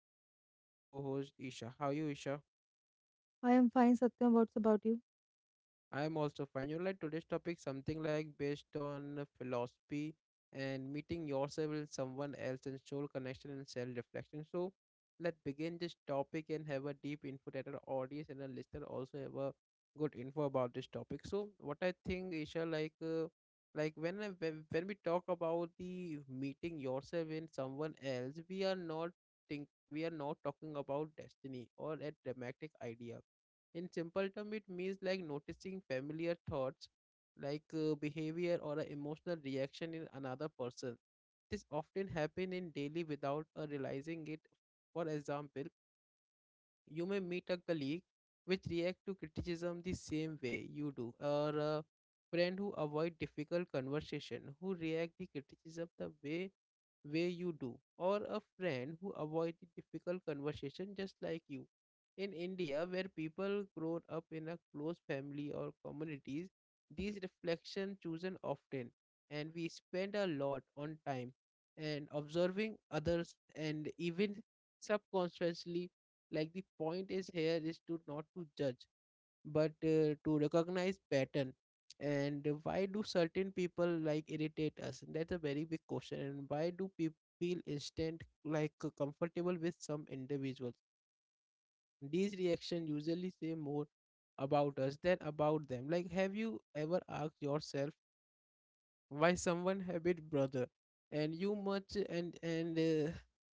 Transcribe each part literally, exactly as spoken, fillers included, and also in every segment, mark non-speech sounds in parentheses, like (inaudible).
and with me is our co-host Isha. How are you Isha? I am fine, Satya. What's about you? I am also fine. You know, like today's topic, something like based on philosophy and meeting yourself with someone else and soul connection and self reflection. So let's begin this topic and have a deep info that our audience and our listener also have a good info about this topic. So what I think, Isha, like uh, like when I- when when we talk about the meeting yourself in someone else, we are not think we are not talking about destiny or a dramatic idea in simple term, it means like noticing familiar thoughts, like uh, behavior or an emotional reaction in another person. This often happen in daily without uh, realizing it. For example, you may meet a colleague which react to criticism the same way you do, or a friend who avoid difficult conversation, who react the criticism the way way you do, or a friend who avoided difficult conversation just like you. In India, where people grow up in a close family or communities, these reflections chosen often, and we spend a lot on time and observing others, and even subconsciously. Like the point is here is to not to judge but uh, to recognize pattern, and why do certain people like irritate us? That's a very big question. And why do people feel instant like uh, comfortable with some individuals? These reactions usually say more about us than about them. Like have you ever asked yourself why someone have it brother and you much and and uh,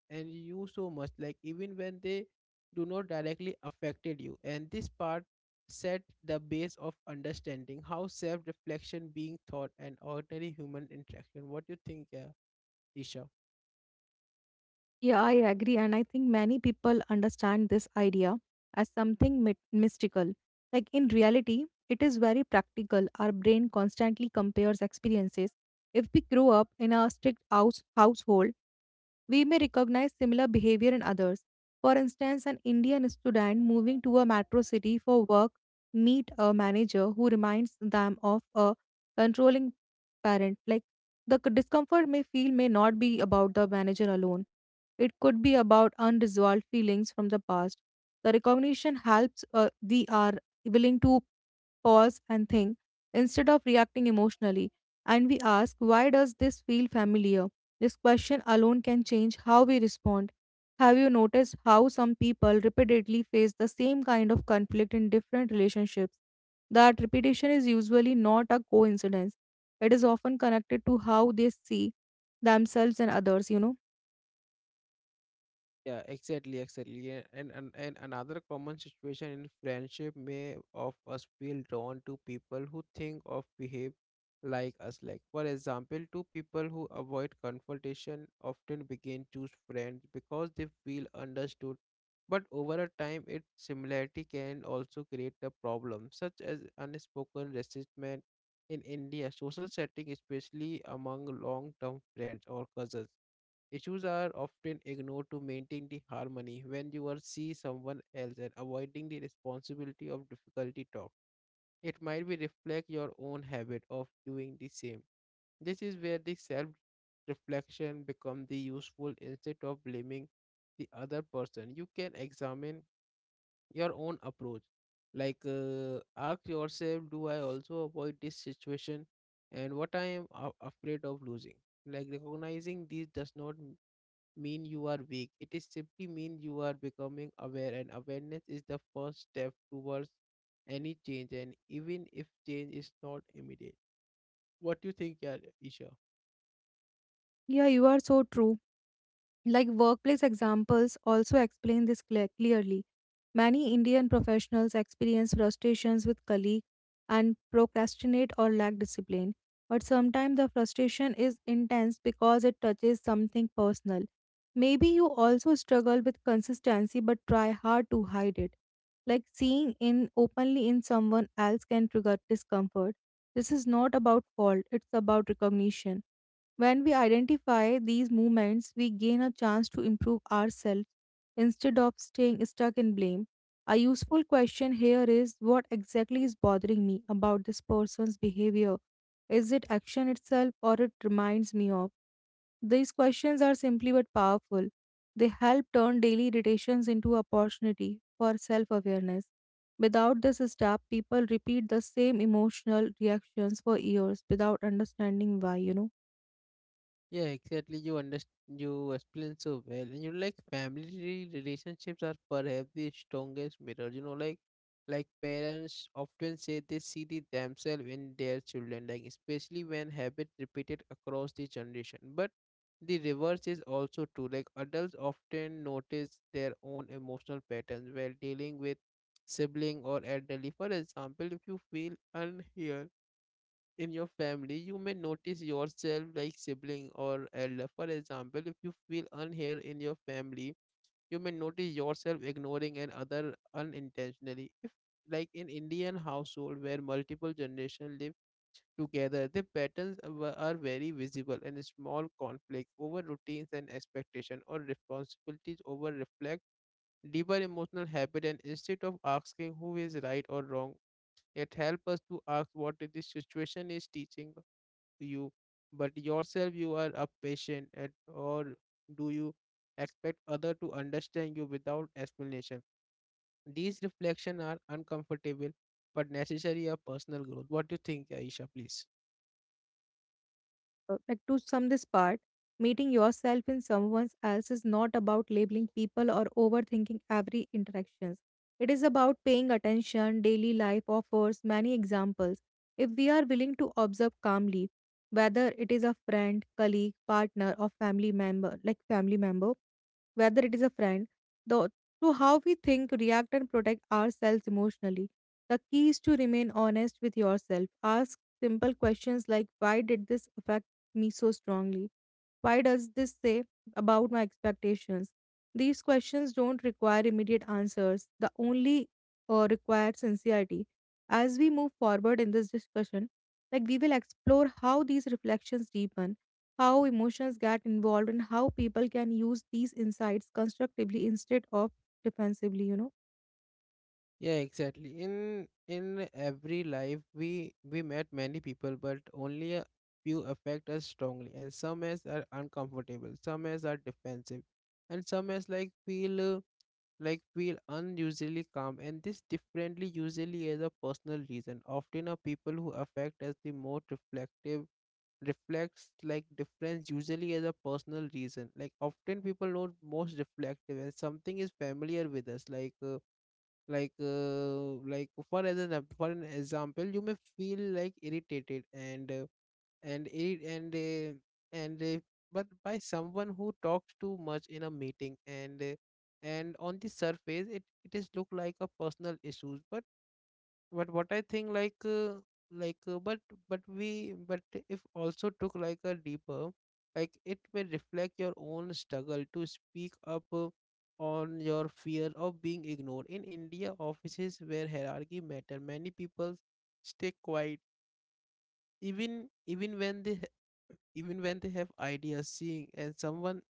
and you so much, like even when they do not directly affected you? And this part set the base of understanding how self reflection being thought and ordinary human interaction. What do you think, yeah, Isha? Yeah, I agree. And I think many people understand this idea as something mit- mystical. Like in reality, it is very practical. Our brain constantly compares experiences. If we grow up in a strict house- household, we may recognize similar behavior in others. For instance, an Indian student moving to a metro city for work meet a manager who reminds them of a controlling parent. Like the c- discomfort may feel may not be about the manager alone, it could be about unresolved feelings from the past. The recognition helps, uh, we are willing to pause and think instead of reacting emotionally, and we ask, why does this feel familiar? This question alone can change how we respond. Have you noticed how some people repeatedly face the same kind of conflict in different relationships? That repetition is usually not a coincidence. It is often connected to how they see themselves and others you know Yeah, exactly, exactly. Yeah. And, and and another common situation in friendship, may of us feel drawn to people who think of behave like us. Like for example, two people who avoid confrontation often begin choose friends because they feel understood. But over a time, its similarity can also create a problem, such as unspoken resentment. In India, social setting, especially among long-term friends or cousins, issues are often ignored to maintain the harmony when you are see someone else and avoiding the responsibility of difficulty talk. It might be reflect your own habit of doing the same. This is where the self reflection become the useful. Instead of blaming the other person, you can examine your own approach. Like uh, ask yourself, do I also avoid this situation, and what I am a- afraid of losing? Like recognizing these does not mean you are weak. It is simply mean you are becoming aware, and awareness is the first step towards any change, and even if change is not immediate. What do you think, yeah, Isha? Yeah, you are so true. Like workplace examples also explain this cle- clearly. Many Indian professionals experience frustrations with colleagues and procrastinate or lack discipline. But sometimes the frustration is intense because it touches something personal. Maybe you also struggle with consistency but try hard to hide it. Like seeing in openly in someone else can trigger discomfort. This is not about fault, it's about recognition. When we identify these movements, we gain a chance to improve ourselves instead of staying stuck in blame. A useful question here is, what exactly is bothering me about this person's behavior? Is it action itself or it reminds me of? These questions are simply but powerful. They help turn daily irritations into opportunity for self awareness. Without this step, people repeat the same emotional reactions for years without understanding why, you know. Yeah, exactly. You understand. You explain so well. And you know, like family relationships are perhaps the strongest mirror. You know, like like parents often say they see the themselves in their children, like especially when habits repeated across the generation. But the reverse is also true. Like adults often notice their own emotional patterns while dealing with sibling or elderly. For example, if you feel unheard in your family, you may notice yourself like sibling or elder. For example, if you feel unheard in your family, you may notice yourself ignoring another unintentionally. If like in Indian household where multiple generations live together, the patterns are ve- are very visible, and small conflicts over routines and expectation or responsibilities over reflect deeper emotional habit. And instead of asking who is right or wrong, it helps us to ask what the situation is teaching you, but yourself you are a patient at, or do you expect other to understand you without explanation? These reflections are uncomfortable but necessary of personal growth. What do you think, Aisha, please? Uh, like to sum this part, meeting yourself in someone else is not about labeling people or overthinking every interactions. It is about paying attention. Daily life offers many examples. If we are willing to observe calmly, whether it is a friend, colleague, partner, or family member, like family member, whether it is a friend, the, to how we think, react, and protect ourselves emotionally. The key is to remain honest with yourself. Ask simple questions like, why did this affect me so strongly? Why does this say about my expectations? These questions don't require immediate answers, the only uh, require sincerity. As we move forward in this discussion, like we will explore how these reflections deepen, how emotions get involved, and how people can use these insights constructively instead of defensively, you know. Yeah, exactly. In in every life we we met many people, but only a few affect us strongly, and some as are uncomfortable, some as are defensive, and some as like feel uh, like feel unusually calm. And this differently usually is a personal reason, often a people who affect as the most reflective reflects like difference usually as a personal reason, like often people know most reflective and something is familiar with us, like uh, like uh, like for as an for an example, you may feel like irritated and uh, and it and uh, and uh, but by someone who talks too much in a meeting, and uh, and on the surface it it is look like a personal issues, but but what I think like uh, like uh, but but we but if also took like a deeper, like it may reflect your own struggle to speak up uh, on your fear of being ignored. In India offices where hierarchy matter, many people stay quiet, even even when they ha- even when they have ideas. Seeing and someone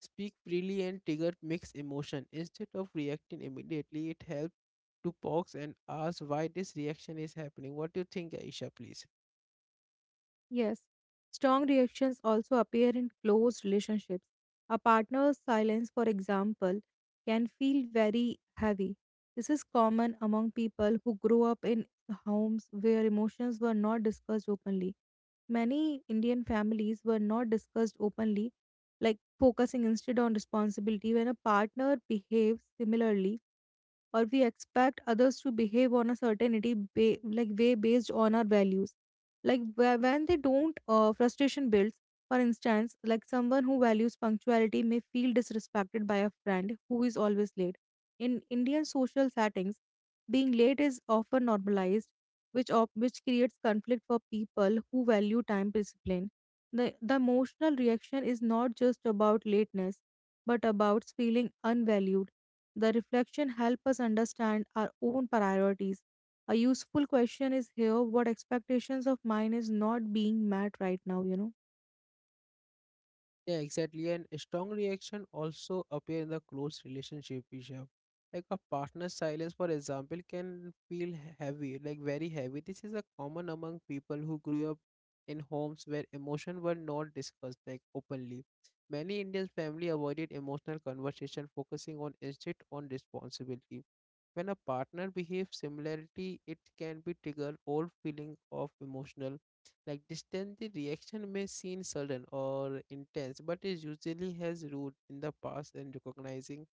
speak freely and trigger mixed emotion, instead of reacting immediately it helps to pause and ask why this reaction is happening. What do you think, Aisha, please? Yes, strong reactions also appear in close relationships. A partner's silence, for example, can feel very heavy. This is common among people who grow up in homes where emotions were not discussed openly. Many Indian families were not discussed openly, like focusing instead on responsibility. When a partner behaves similarly, or we expect others to behave on a certainty ba- like way based on our values, like wh- when they don't, uh, frustration builds. For instance, like someone who values punctuality may feel disrespected by a friend who is always late. In Indian social settings, being late is often normalized, which op- which creates conflict for people who value time discipline. The the emotional reaction is not just about lateness, but about feeling unvalued. The reflection help us understand our own priorities. A useful question is here, what expectations of mine is not being met right now, you know? Yeah, exactly. And a strong reaction also appear in the close relationship we have. Like a partner's silence, for example, can feel heavy, like very heavy. This is a common among people who grew up in homes where emotion were not discussed like openly. Many Indian family avoided emotional conversation, focusing on instead on responsibility. When a partner behaves similarly, it can be trigger old feeling of emotional like distance. The reaction may seem sudden or intense, but it usually has root in the past. And recognizing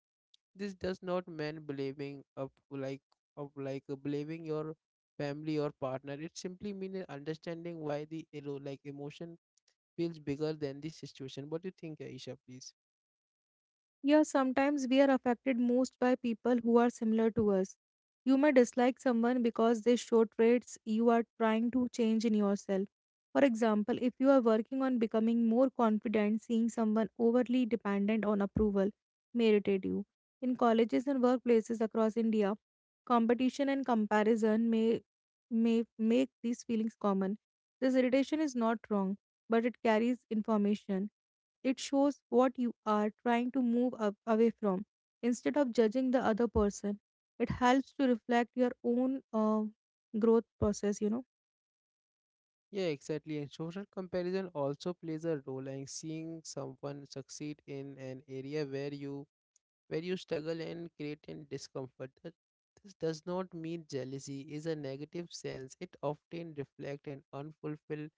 this does not mean blaming of like of like blaming your family or partner. It simply means understanding why the ero like emotion feels bigger than the situation. What do you think, Aisha, please? Yeah, sometimes we are affected most by people who are similar to us. You may dislike someone because they show traits you are trying to change in yourself. For example, if you are working on becoming more confident, seeing someone overly dependent on approval may irritate you. In colleges and workplaces across India, competition and comparison may, may make these feelings common. This irritation is not wrong, but it carries information. It shows what you are trying to move a- away from. Instead of judging the other person, it helps to reflect your own uh, growth process, you know. Yeah, exactly. And social comparison also plays a role, and seeing someone succeed in an area where you where you struggle and create and discomfort. That this does not mean jealousy is a negative sense. It often reflects an unfulfilled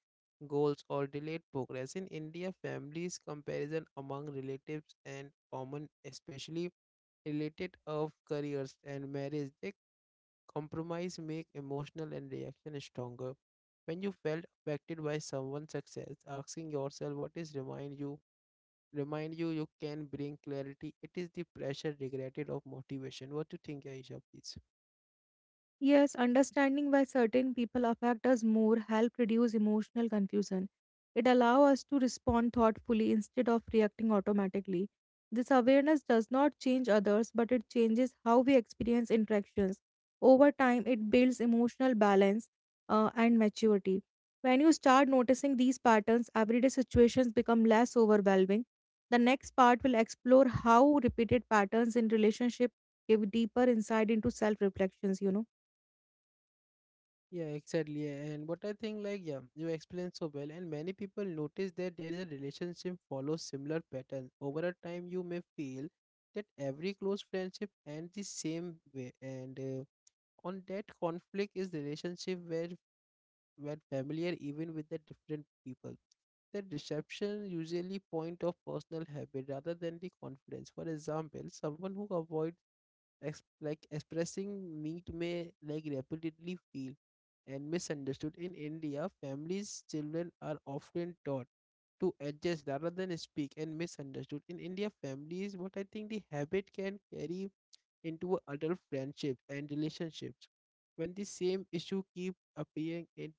goals or delayed progress. In India, families comparison among relatives and common, especially related of careers and marriage. They compromise make emotional and reaction stronger. When you felt affected by someone's success, asking yourself what is remind you remind you you can bring clarity. It is the pressure regretted of motivation. What do you think, Aisha, please? Yes, understanding why certain people affect us more help reduce emotional confusion. It allows us to respond thoughtfully instead of reacting automatically. This awareness does not change others, but it changes how we experience interactions. Over time, it builds emotional balance uh, and maturity. When you start noticing these patterns, everyday situations become less overwhelming. The next part will explore how repeated patterns in relationship give deeper insight into self reflections, you know. Yeah, exactly. And what I think, like, yeah, you explained so well, and many people notice that their relationship follows similar patterns. Over a time, you may feel that every close friendship ends the same way, and uh, on that conflict is relationship where when familiar even with the different people. The deception usually point of personal habit rather than the confidence. For example, someone who avoids ex- like expressing need may like repeatedly feel and misunderstood. In India, families children are often taught to adjust rather than speak and misunderstood. In India, families what I think the habit can carry into adult friendships and relationships when the same issue keep appearing in,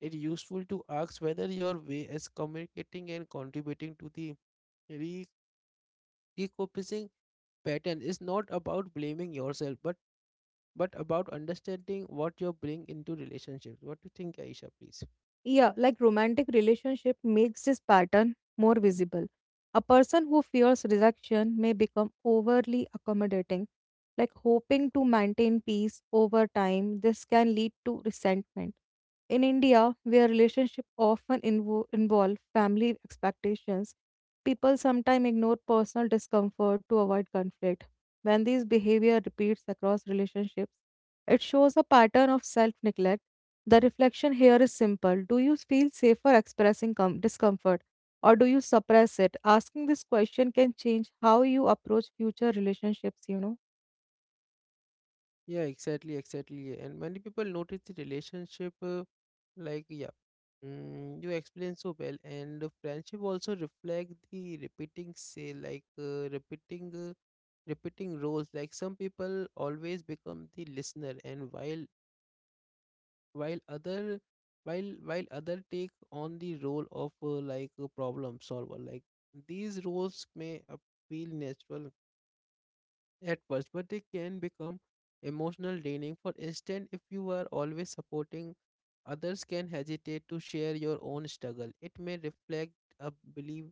it's useful to ask whether your way is communicating and contributing to the re- repurposing pattern, is not about blaming yourself, but but about understanding what you bring into relationships. What do you think, Aisha? Please. Yeah, like romantic relationship makes this pattern more visible. A person who fears rejection may become overly accommodating, like hoping to maintain peace over time. This can lead to resentment. In India, where relationships often invo- involve family expectations, people sometimes ignore personal discomfort to avoid conflict. When this behavior repeats across relationships, it shows a pattern of self neglect. The reflection here is simple. Do you feel safer expressing com- discomfort, or do you suppress it? Asking this question can change how you approach future relationships, you know. Yeah, exactly, exactly. And many people notice the relationship, uh, like yeah, mm, you explain so well. And the friendship also reflect the repeating say like uh, repeating. Uh, repeating roles, like some people always become the listener, and while while other while while other take on the role of uh, like a problem solver. Like these roles may appeal natural at first, but they can become emotional draining. For instance, if you are always supporting others, can hesitate to share your own struggle. It may reflect a belief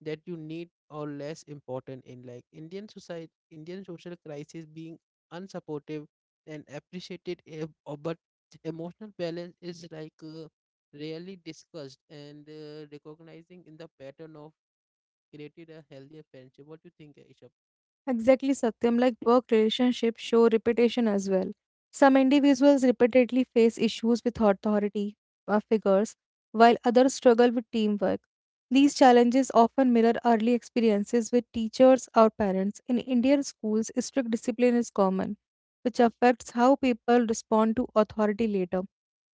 that you need or less important in like Indian society. Indian social crisis being unsupportive and appreciated, eh, uh, but emotional balance is like uh, rarely discussed, and uh, recognizing in the pattern of created a healthier friendship. What do you think, Aisha? Exactly, Satyam. Like work relationships show reputation as well. Some individuals repeatedly face issues with authority uh, figures, while others struggle with teamwork. These challenges often mirror early experiences with teachers or parents. In Indian schools, strict discipline is common, which affects how people respond to authority later.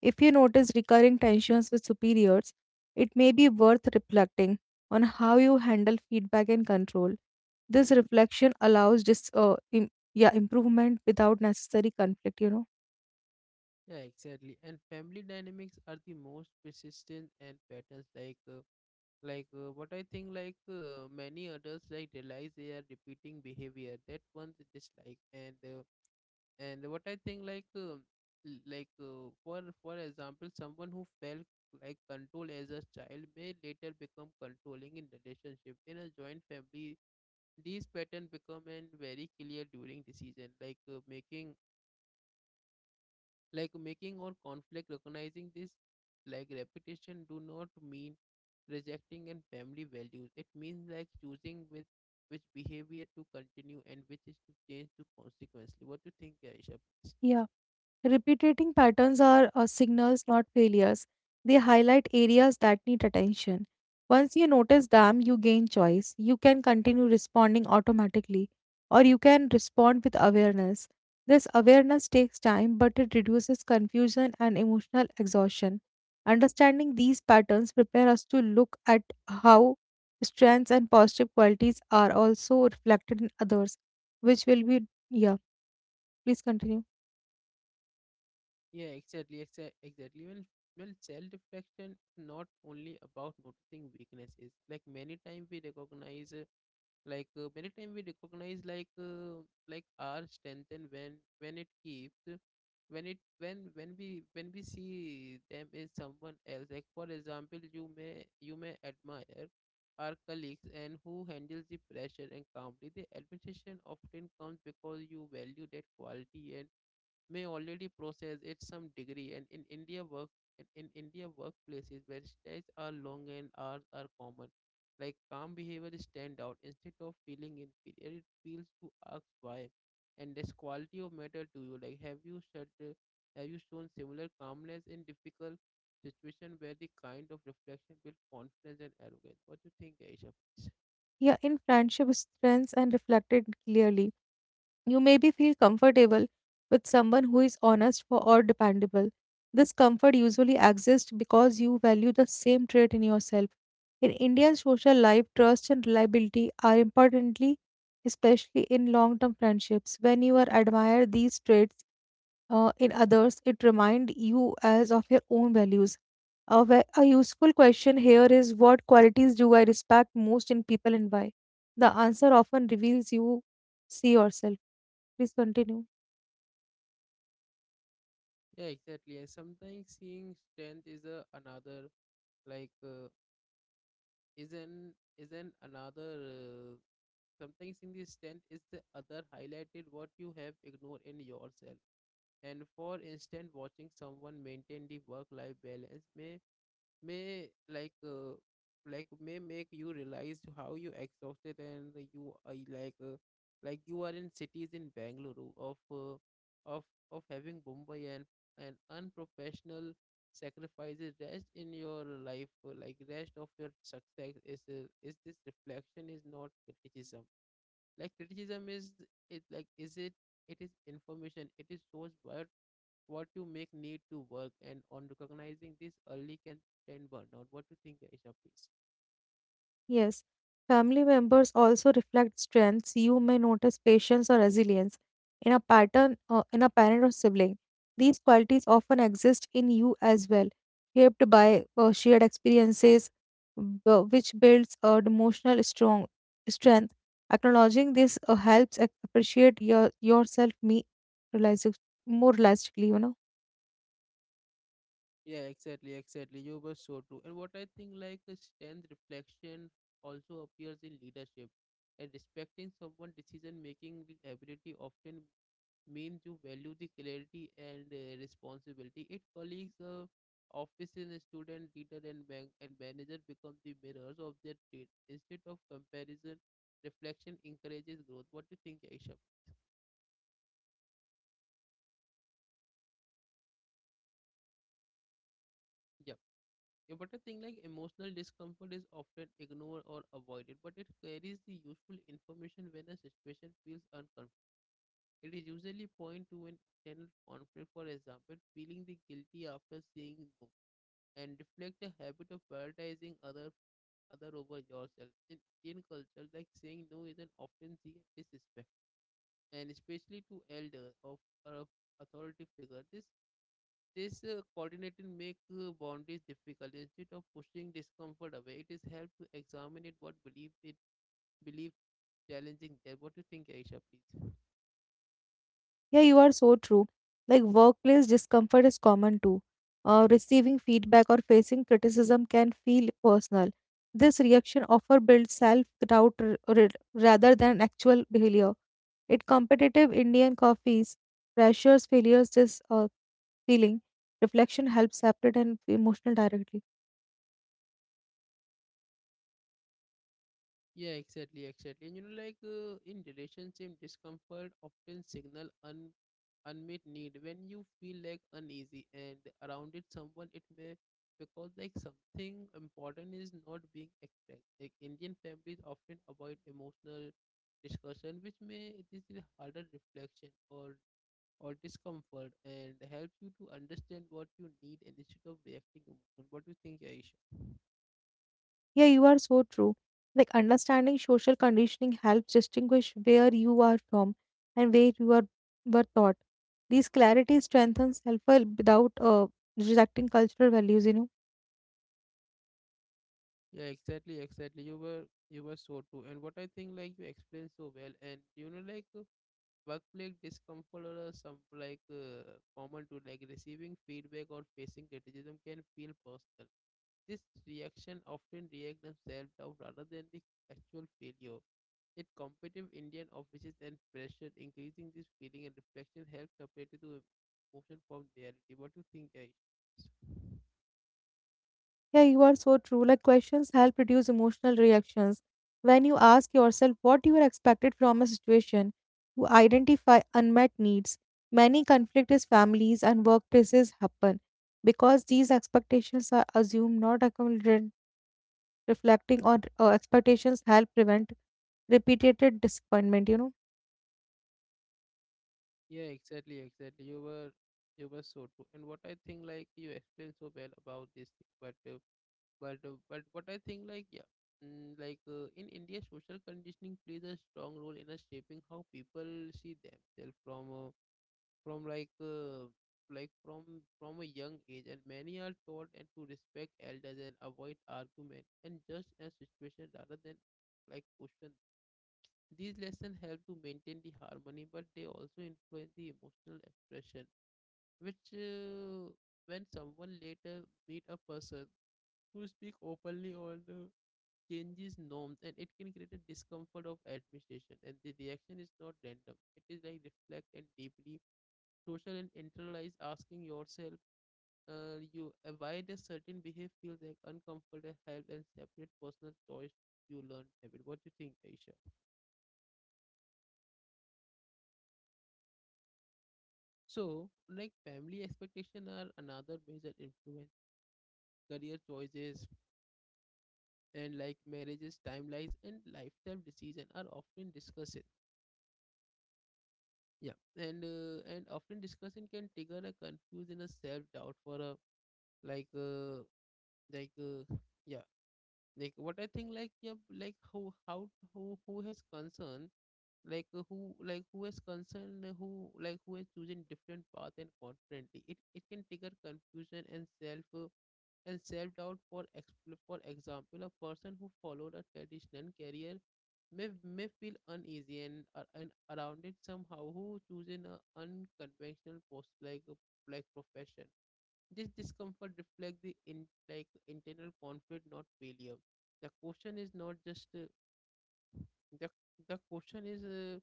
If you notice recurring tensions with superiors, it may be worth reflecting on how you handle feedback and control. This reflection allows just uh, im- yeah, improvement without necessary conflict. You know. Yeah, exactly. And family dynamics are the most persistent and patterns like. Uh, like uh, what I think like uh, many adults like realize they are repeating behavior that one they dislike, and uh, and what I think like uh, l- like uh, for for example, someone who felt like control as a child may later become controlling in relationship in a joint family. These patterns become and very clear during decision like uh, making like making or conflict. Recognizing this like repetition do not mean rejecting and family values. It means like choosing with which behavior to continue and which is to change to consequently. What do you think, Aisha, please? Yeah. Repeating patterns are uh, signals, not failures. They highlight areas that need attention. Once you notice them, you gain choice. You can continue responding automatically, or you can respond with awareness. This awareness takes time, but it reduces confusion and emotional exhaustion. Understanding these patterns prepare us to look at how strengths and positive qualities are also reflected in others, which will be, yeah, please continue. Yeah, exactly, exa- exactly. Well, well, self-reflection is not only about noticing weaknesses. Like many times we recognize, uh, like uh, many times we recognize, like uh, like our strength and when when it keeps, uh, when it when when we when we see them in someone else. Like for example, you may you may admire our colleagues and who handles the pressure and calmly. The admiration often comes because you value that quality and may already process it some degree and in India work in, in India workplaces where days are long and hours are common. Like calm behavior is stand out, instead of feeling inferior, it feels to ask why. And this quality of matter to you. Like have you shut have you shown similar calmness in difficult situation where the kind of reflection build confidence and arrogance? What do you think, Aisha, please? Yeah, in friendship, strengths and reflected clearly. You maybe feel comfortable with someone who is honest for, or dependable. This comfort usually exists because you value the same trait in yourself. In Indian social life, trust and reliability are importantly, especially in long term friendships. When you are admire these traits, uh, in others it remind you as of your own values. A, ve- a useful question here is, what qualities do I respect most in people and why? The answer often reveals you see yourself. Please continue. Yeah, exactly. And sometimes seeing strength is a another like uh, Isn't isn't another uh, sometimes in this stand is the other highlighted what you have ignored in yourself. And for instance, watching someone maintain the work-life balance may may like uh, like may make you realize how you exhausted and you are like uh, like you are in cities in Bangalore of uh, of of having Mumbai and an unprofessional sacrifices rest in your life uh, like rest of your success is uh, is this reflection is not criticism, like criticism is, it like is it it is information, it is source where what you make need to work and on recognizing this early can prevent burnout. What do you think, Aisha, please? Yes, family members also reflect strengths. You may notice patience or resilience in a pattern, uh, in a parent or sibling. These qualities often exist in you as well, shaped by uh, shared experiences, b- which builds uh, emotional strong strength. Acknowledging this uh, helps ac- appreciate your yourself me realistic, more realistically. You know. Yeah, exactly, exactly. You were so true. And what I think, like, uh, strength reflection also appears in leadership. And respecting someone's decision making ability often means you value the clarity and uh, responsibility. It colleagues, uh, office and student, leader and bank and manager become the mirrors of their trade. Instead of comparison, reflection encourages growth. What do you think, Aisha? Yeah. Yeah, but I think like emotional discomfort is often ignored or avoided, but it carries the useful information when a situation feels uncomfortable. It is usually point to an internal conflict, for example, feeling the guilty after saying no and reflect a habit of prioritizing other other over yourself. In Indian culture, like saying no is an often seen as disrespect, and especially to elder of or of authority figure. This this uh, coordinating make uh, boundaries difficult. Instead of pushing discomfort away, it is help to examine it what believe it believe challenging there. What do you think, Aisha, please? Yeah, you are so true. Like workplace discomfort is common too. Uh, receiving feedback or facing criticism can feel personal. This reaction often builds self-doubt r- r- rather than actual failure. It competitive Indian coffees, pressures, failures, this uh, feeling, reflection helps separate and emotional directly. Yeah, exactly, exactly. And you know, like uh, in relationship, discomfort often signal un unmet need. When you feel like uneasy and around it, someone it may because like something important is not being expressed. Like Indian families often avoid emotional discussion, which may this is harder reflection or or discomfort and helps you to understand what you need and instead of reacting emotion. What do you think, Aish? Yeah, you are so true. Like understanding social conditioning helps distinguish where you are from and where you are were taught. These clarity strengthens self-help without uh, rejecting cultural values, you know. Yeah, exactly, exactly. You were you were so true. And what I think like you explained so well and you know like uh, workplace discomfort or uh, some like uh, common to like receiving feedback or facing criticism can feel personal. This reaction often react and self-doubt rather than the actual failure. Yet competitive Indian offices and pressure increasing this feeling and reflection helps separate the emotion from reality. What do you think, Aisha? Yeah, you are so true. Like questions help reduce emotional reactions. When you ask yourself what you are expected from a situation, you identify unmet needs. Many conflict is families and workplaces happen because these expectations are assumed, not accommodated. Reflecting on uh, expectations help prevent repeated disappointment, you know. Yeah, exactly, exactly. You were you were so true. And what I think like you explained so well about this thing, but uh, but uh, but what I think like yeah, mm, like uh, in India, social conditioning plays a strong role in us shaping how people see themselves from uh, from like uh, like from from a young age, and many are taught and to respect elders and avoid argument and judge a situation rather than like question. These lessons help to maintain the harmony, but they also influence the emotional expression, which uh, when someone later meet a person who speak openly on uh, changes norms, and it can create a discomfort of administration, and the reaction is not random. It is like reflect and deeply social and internalize asking yourself uh, you uh, why does certain behavior feel like uncomfortable help and separate personal choice you learn habit. What do you think, Aisha? So, like family expectation are another major influence. Career choices and like marriages, timelines, and lifestyle decision are often discussed. Yeah, and uh, and often discussion can trigger a confusion, a self doubt for a like uh, like uh, yeah like what I think like yeah like how how who who has concern like uh, who like who is concerned uh, who like who is choosing different path and confidently, it it can trigger confusion and self uh, and self doubt for expl- for example a person who followed a traditional career may may feel uneasy and uh, and around it somehow who choosing a unconventional post like a like profession. This discomfort reflects the in like internal conflict, not failure. The question is not just uh, the the question is uh,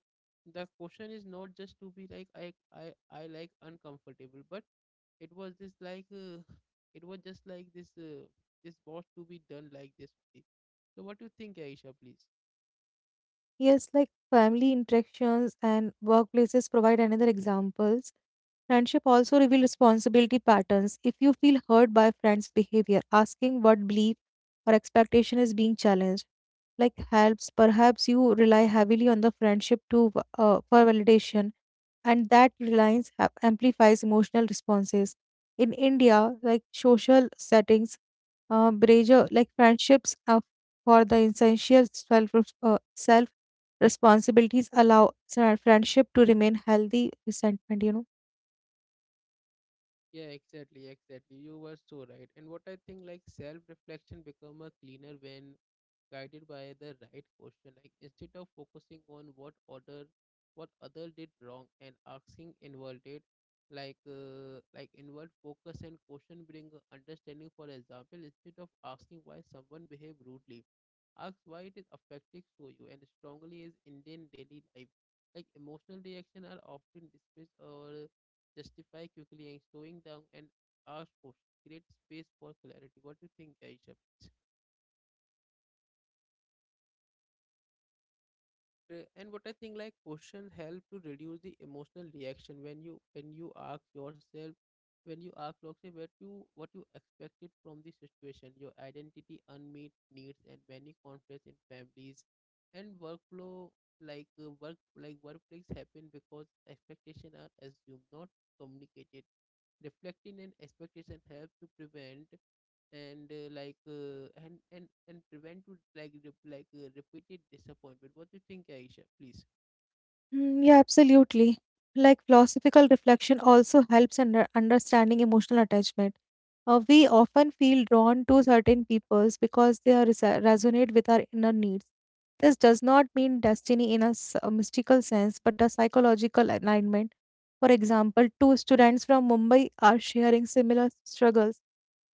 The question is not just to be like I I I like uncomfortable, but it was this like uh, (laughs) it was just like this uh, this boss to be done like this only. So what do you think, Aisha? Please. Yes, like family interactions and workplaces provide another examples. Friendship also reveal responsibility patterns. If you feel hurt by friends behavior, asking what belief or expectation is being challenged like helps. Perhaps you rely heavily on the friendship to, uh, for validation, and that reliance ha- amplifies emotional responses. In India, like social settings, uh, brazier, like friendships uh, for the essential self uh, self responsibilities allow sa- friendship to remain healthy resentment. You know. Yeah, exactly, exactly. You were so right. And what I think like self-reflection become a cleaner when guided by the right question. Like instead of focusing on what other what other did wrong and asking inward like uh, like inward focus and question bring a understanding. For example, instead of asking why someone behave rudely, ask why it is affecting so you and strongly is Indian daily life. Like emotional reaction are often dismissed or justify quickly and slowing down and ask questions. Create space for clarity. What do you think, Aisha? Uh, And what I think like questions help to reduce the emotional reaction when you when you ask yourself when you ask yourself what you what you expected from the situation, your identity, unmet needs and many conflicts in families and workflow, like uh, work like workplace happen because expectations are assumed, not communicated. Reflecting an expectation helps to prevent and uh, like uh, and and and prevent to like re- like uh, repeated disappointment. What do you think, Aisha, please? Mm, yeah, absolutely. Like philosophical reflection also helps in under- understanding emotional attachment. Uh, we often feel drawn to certain peoples because they are resa- resonate with our inner needs. This does not mean destiny in a, s- a mystical sense, but a psychological alignment. For example, two students from Mumbai are sharing similar struggles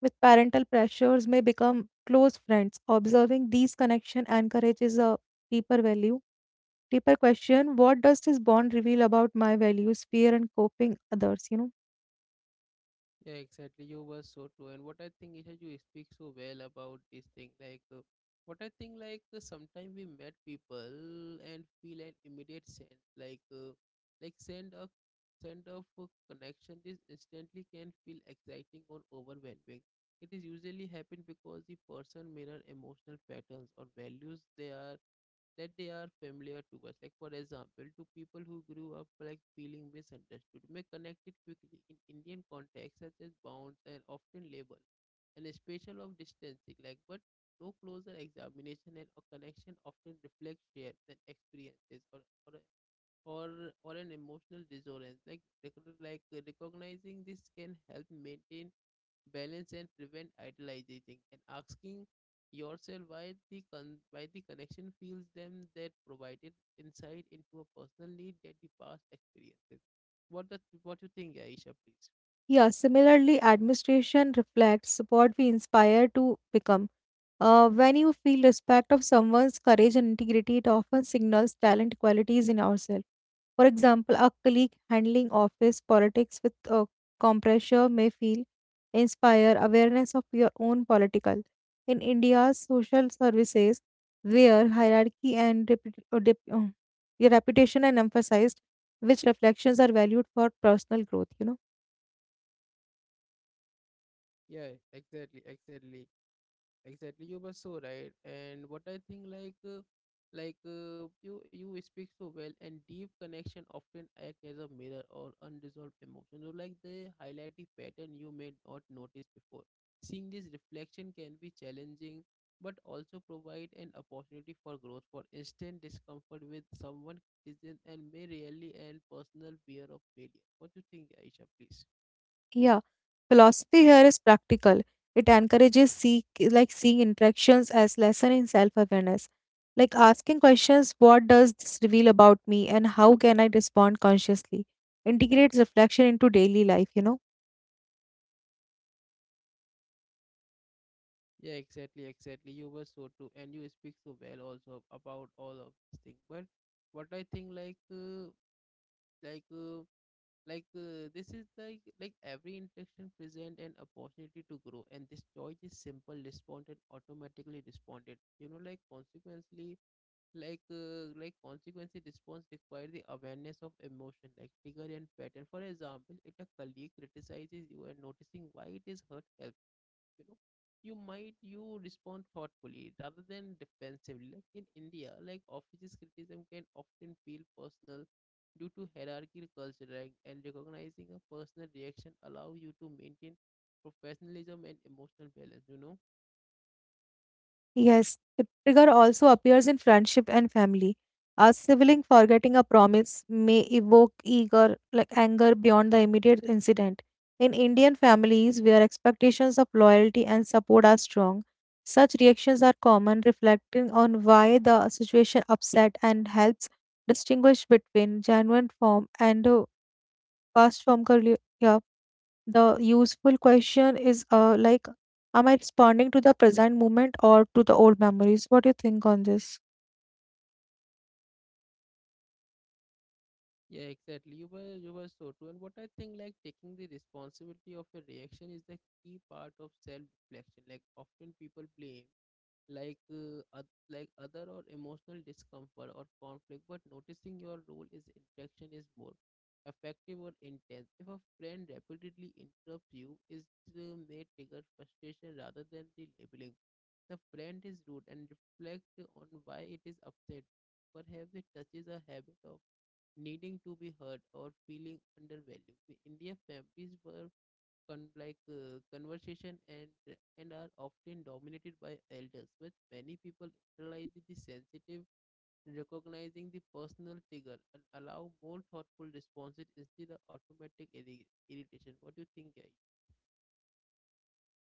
with parental pressures may become close friends. Observing these connections encourages a deeper value, deeper question, what does this bond reveal about my values, fear, and coping others, you know? Yeah, exactly. You were so true. And what I think is that you speak so well about this thing like uh, what I think like uh, sometimes we met people and feel an immediate sense like uh, like send a send of a connection. This instantly can feel exciting or overwhelming. It is usually happen because the person mirror emotional patterns or values they are that they are familiar to us. Like, for example, to people who grew up like feeling misunderstood may connect it quickly in Indian context, such as bounds and often label and spatial of distancing. Like, but no closer examination and a connection often reflects shared than experiences or or a- or or an emotional resonance. Like, recog- like recognizing this can help maintain balance and prevent idolizing, and asking yourself why the con- why the connection feels them that provided insight into a personal need that the past experiences. What does what you think, Aisha, please? Yeah, similarly administration reflects what we inspire to become. Uh, when you feel respect of someone's courage and integrity, it often signals talent qualities in ourselves. For example, a colleague handling office politics with uh, composure may feel inspire awareness of your own political. In India's social services, where hierarchy and reput- uh, dep- uh, your reputation are emphasized, which reflections are valued for personal growth. You know. Yeah, exactly, exactly. Exactly, you were so right. And what I think, like, uh, like uh, you you speak so well, and deep connection often act as a mirror or unresolved emotion. So, like, they highlight the pattern you may not notice before. Seeing this reflection can be challenging, but also provide an opportunity for growth. For instant discomfort with someone criticism and may really end personal fear of failure. What do you think, Aisha? Please. Yeah. Philosophy here is practical. It encourages seek, like seeing interactions as lesson in self-awareness. Like asking questions, what does this reveal about me, and how can I respond consciously? Integrates reflection into daily life, you know. Yeah, exactly, exactly. You were so true, and you speak so well also about all of these things. But what I think, like, uh, like, uh, like, uh, this is like, like every interaction present an opportunity to grow, and this choice is simple, responded automatically responded. You know, like consequently, like, uh, like consequently response require the awareness of emotion, like trigger and pattern. For example, if a colleague criticizes you and noticing why it is hurt helps, you know you might you respond thoughtfully rather than defensively, like in India, like offices criticism can often feel personal due to hierarchical culture rank, and recognizing a personal reaction allow you to maintain professionalism and emotional balance, you know Yes, the trigger also appears in friendship and family. A sibling forgetting a promise may evoke eager, like anger beyond the immediate incident. In Indian families where expectations of loyalty and support are strong, such reactions are common. Reflecting on why the situation upset and helps distinguish between genuine form and uh, cast form. The useful question is, uh, like, am I responding to the present moment or to the old memories? What do you think on this? yeah, exactly, you were you were so true. And what I think, like taking the responsibility of your reaction is the key part of self reflection. Like often people blame like uh, oth- like other or emotional discomfort or conflict, but noticing your role is interaction is more effective or intense. If a friend repeatedly interrupts you is uh, may trigger frustration, rather than the labeling the friend is rude and reflect on why it is upset. Perhaps it touches a habit of needing to be heard or feeling undervalued in their families, were con- like uh, conversation and and are often dominated by elders, with many people internalizing the sensitive, recognizing the personal trigger, and allow more thoughtful responses instead of automatic irri- irritation. What do you think, guys?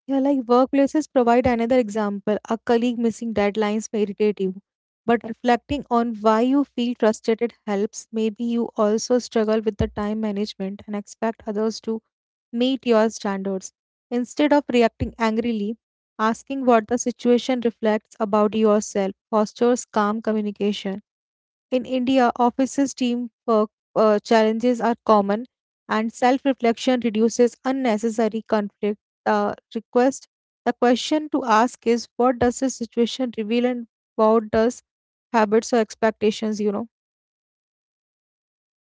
Yeah, like workplaces provide another example. A colleague missing deadlines may irritate you, but reflecting on why you feel frustrated helps. Maybe you also struggle with the time management and expect others to meet your standards. Instead of reacting angrily, asking what the situation reflects about yourself fosters calm communication. In India, offices teamwork uh, challenges are common, and self reflection reduces unnecessary conflict. The request, the question to ask is, what does the situation reveal, and what does habits or expectations, you know?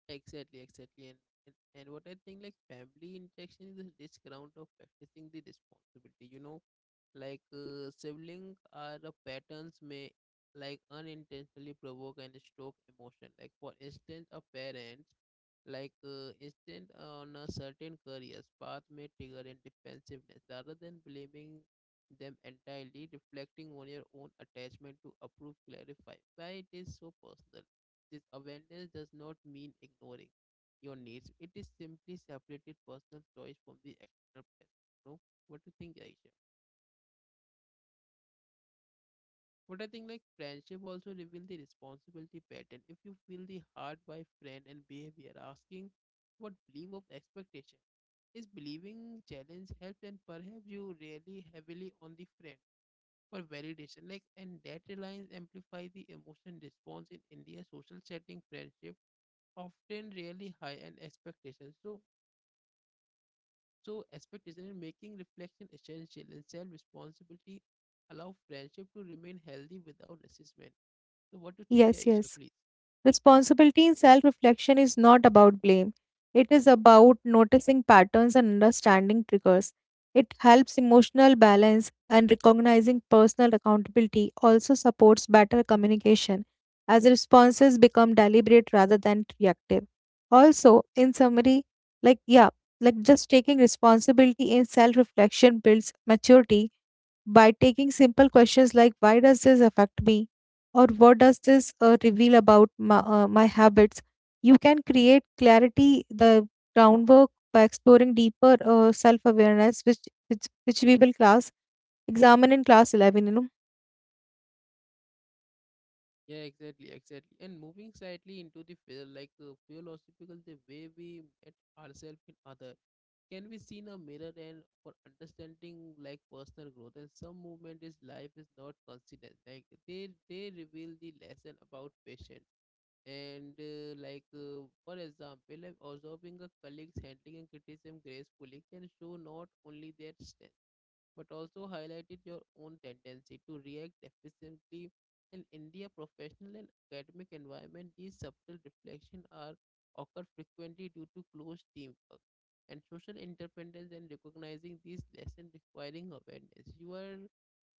Exactly, exactly. And, and and what I think, like family interaction is a rich ground of practicing the responsibility. You know, like uh, sibling are the patterns may like unintentionally provoke and stroke emotion. Like for instance, a parent like uh, instant on a certain career's path may trigger in defensiveness, rather than blaming them entirely, reflecting on your own attachment to approve clarify why it is so personal. This awareness does not mean ignoring your needs. It is simply separated personal choice from the external pressure. You know, what do you think, Aisha? What I think, like friendship also reveal the responsibility pattern. If you feel the hard by friend and behavior, asking what belief of expectation is believing challenge help, and perhaps you rely heavily on the friend for validation. Like, and that reliance amplify the emotion response in India social setting, friendship often really high and expectations. So, so expectation in making reflection essential, and self-responsibility allow friendship to remain healthy without resentment. So, what do you think, Yes, Aisha, yes. please? Responsibility in self reflection is not about blame. It is about noticing patterns and understanding triggers. It helps emotional balance, and recognizing personal accountability also supports better communication as responses become deliberate rather than reactive. Also, in summary, like, yeah, like just taking responsibility in self reflection builds maturity by taking simple questions like, why does this affect me, or what does this uh, reveal about my, uh, my habits? You can create clarity the groundwork by exploring deeper uh, self-awareness, which, which which we will class examine in class eleven, you know. Yeah, exactly, exactly. And moving slightly into the field, like uh, philosophical, the way we met ourselves in other can be seen a mirror and for understanding like personal growth and some movement is life is not consistent, like they they reveal the lesson about patience. And uh, like uh, for example, if observing a colleague's handling and criticism gracefully can show not only their strength, but also highlighted your own tendency to react deficiently. In India professional and academic environment, these subtle reflections are occur frequently due to close teamwork and social interdependence, and recognizing these lessons requiring awareness. You are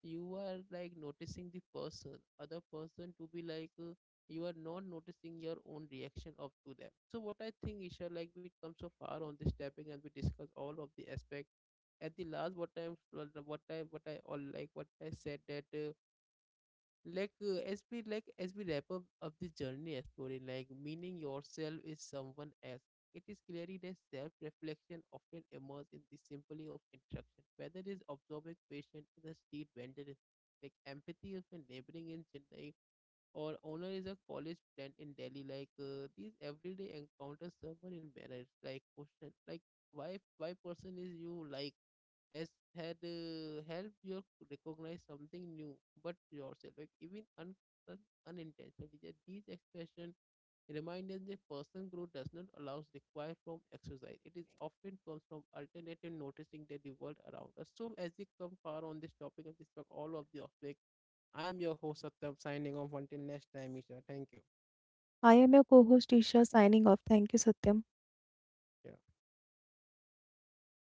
you are like noticing the person other person to be like uh, you are not noticing your own reaction of to them. So what I think, Isha, like we come so far on this topic and we discuss all of the aspect. At the last, what i what i what i all like what I said that uh, like uh, as we like as we wrap up of the journey as story, like meaning yourself is someone else, it is clearly that self-reflection often emerges in the simply of interaction, whether it is observing patient in the street vendor in- like empathy of a neighboring in Chennai or owner is a college friend in Delhi. Like uh, these everyday encounters someone in manners. Like question, like why why person is you like has had uh, helped you recognize something new, but yourself like even un, un unintentionally. That these expression remind us that personal growth does not allows require from exercise. It is often comes from alternative noticing that the world around us. So as we come far on this topic of this talk, all of the aspect, I am your host, Satyam, signing off until next time, Isha. Thank you. I am your co-host Isha, signing off. Thank you, Satyam. Yeah.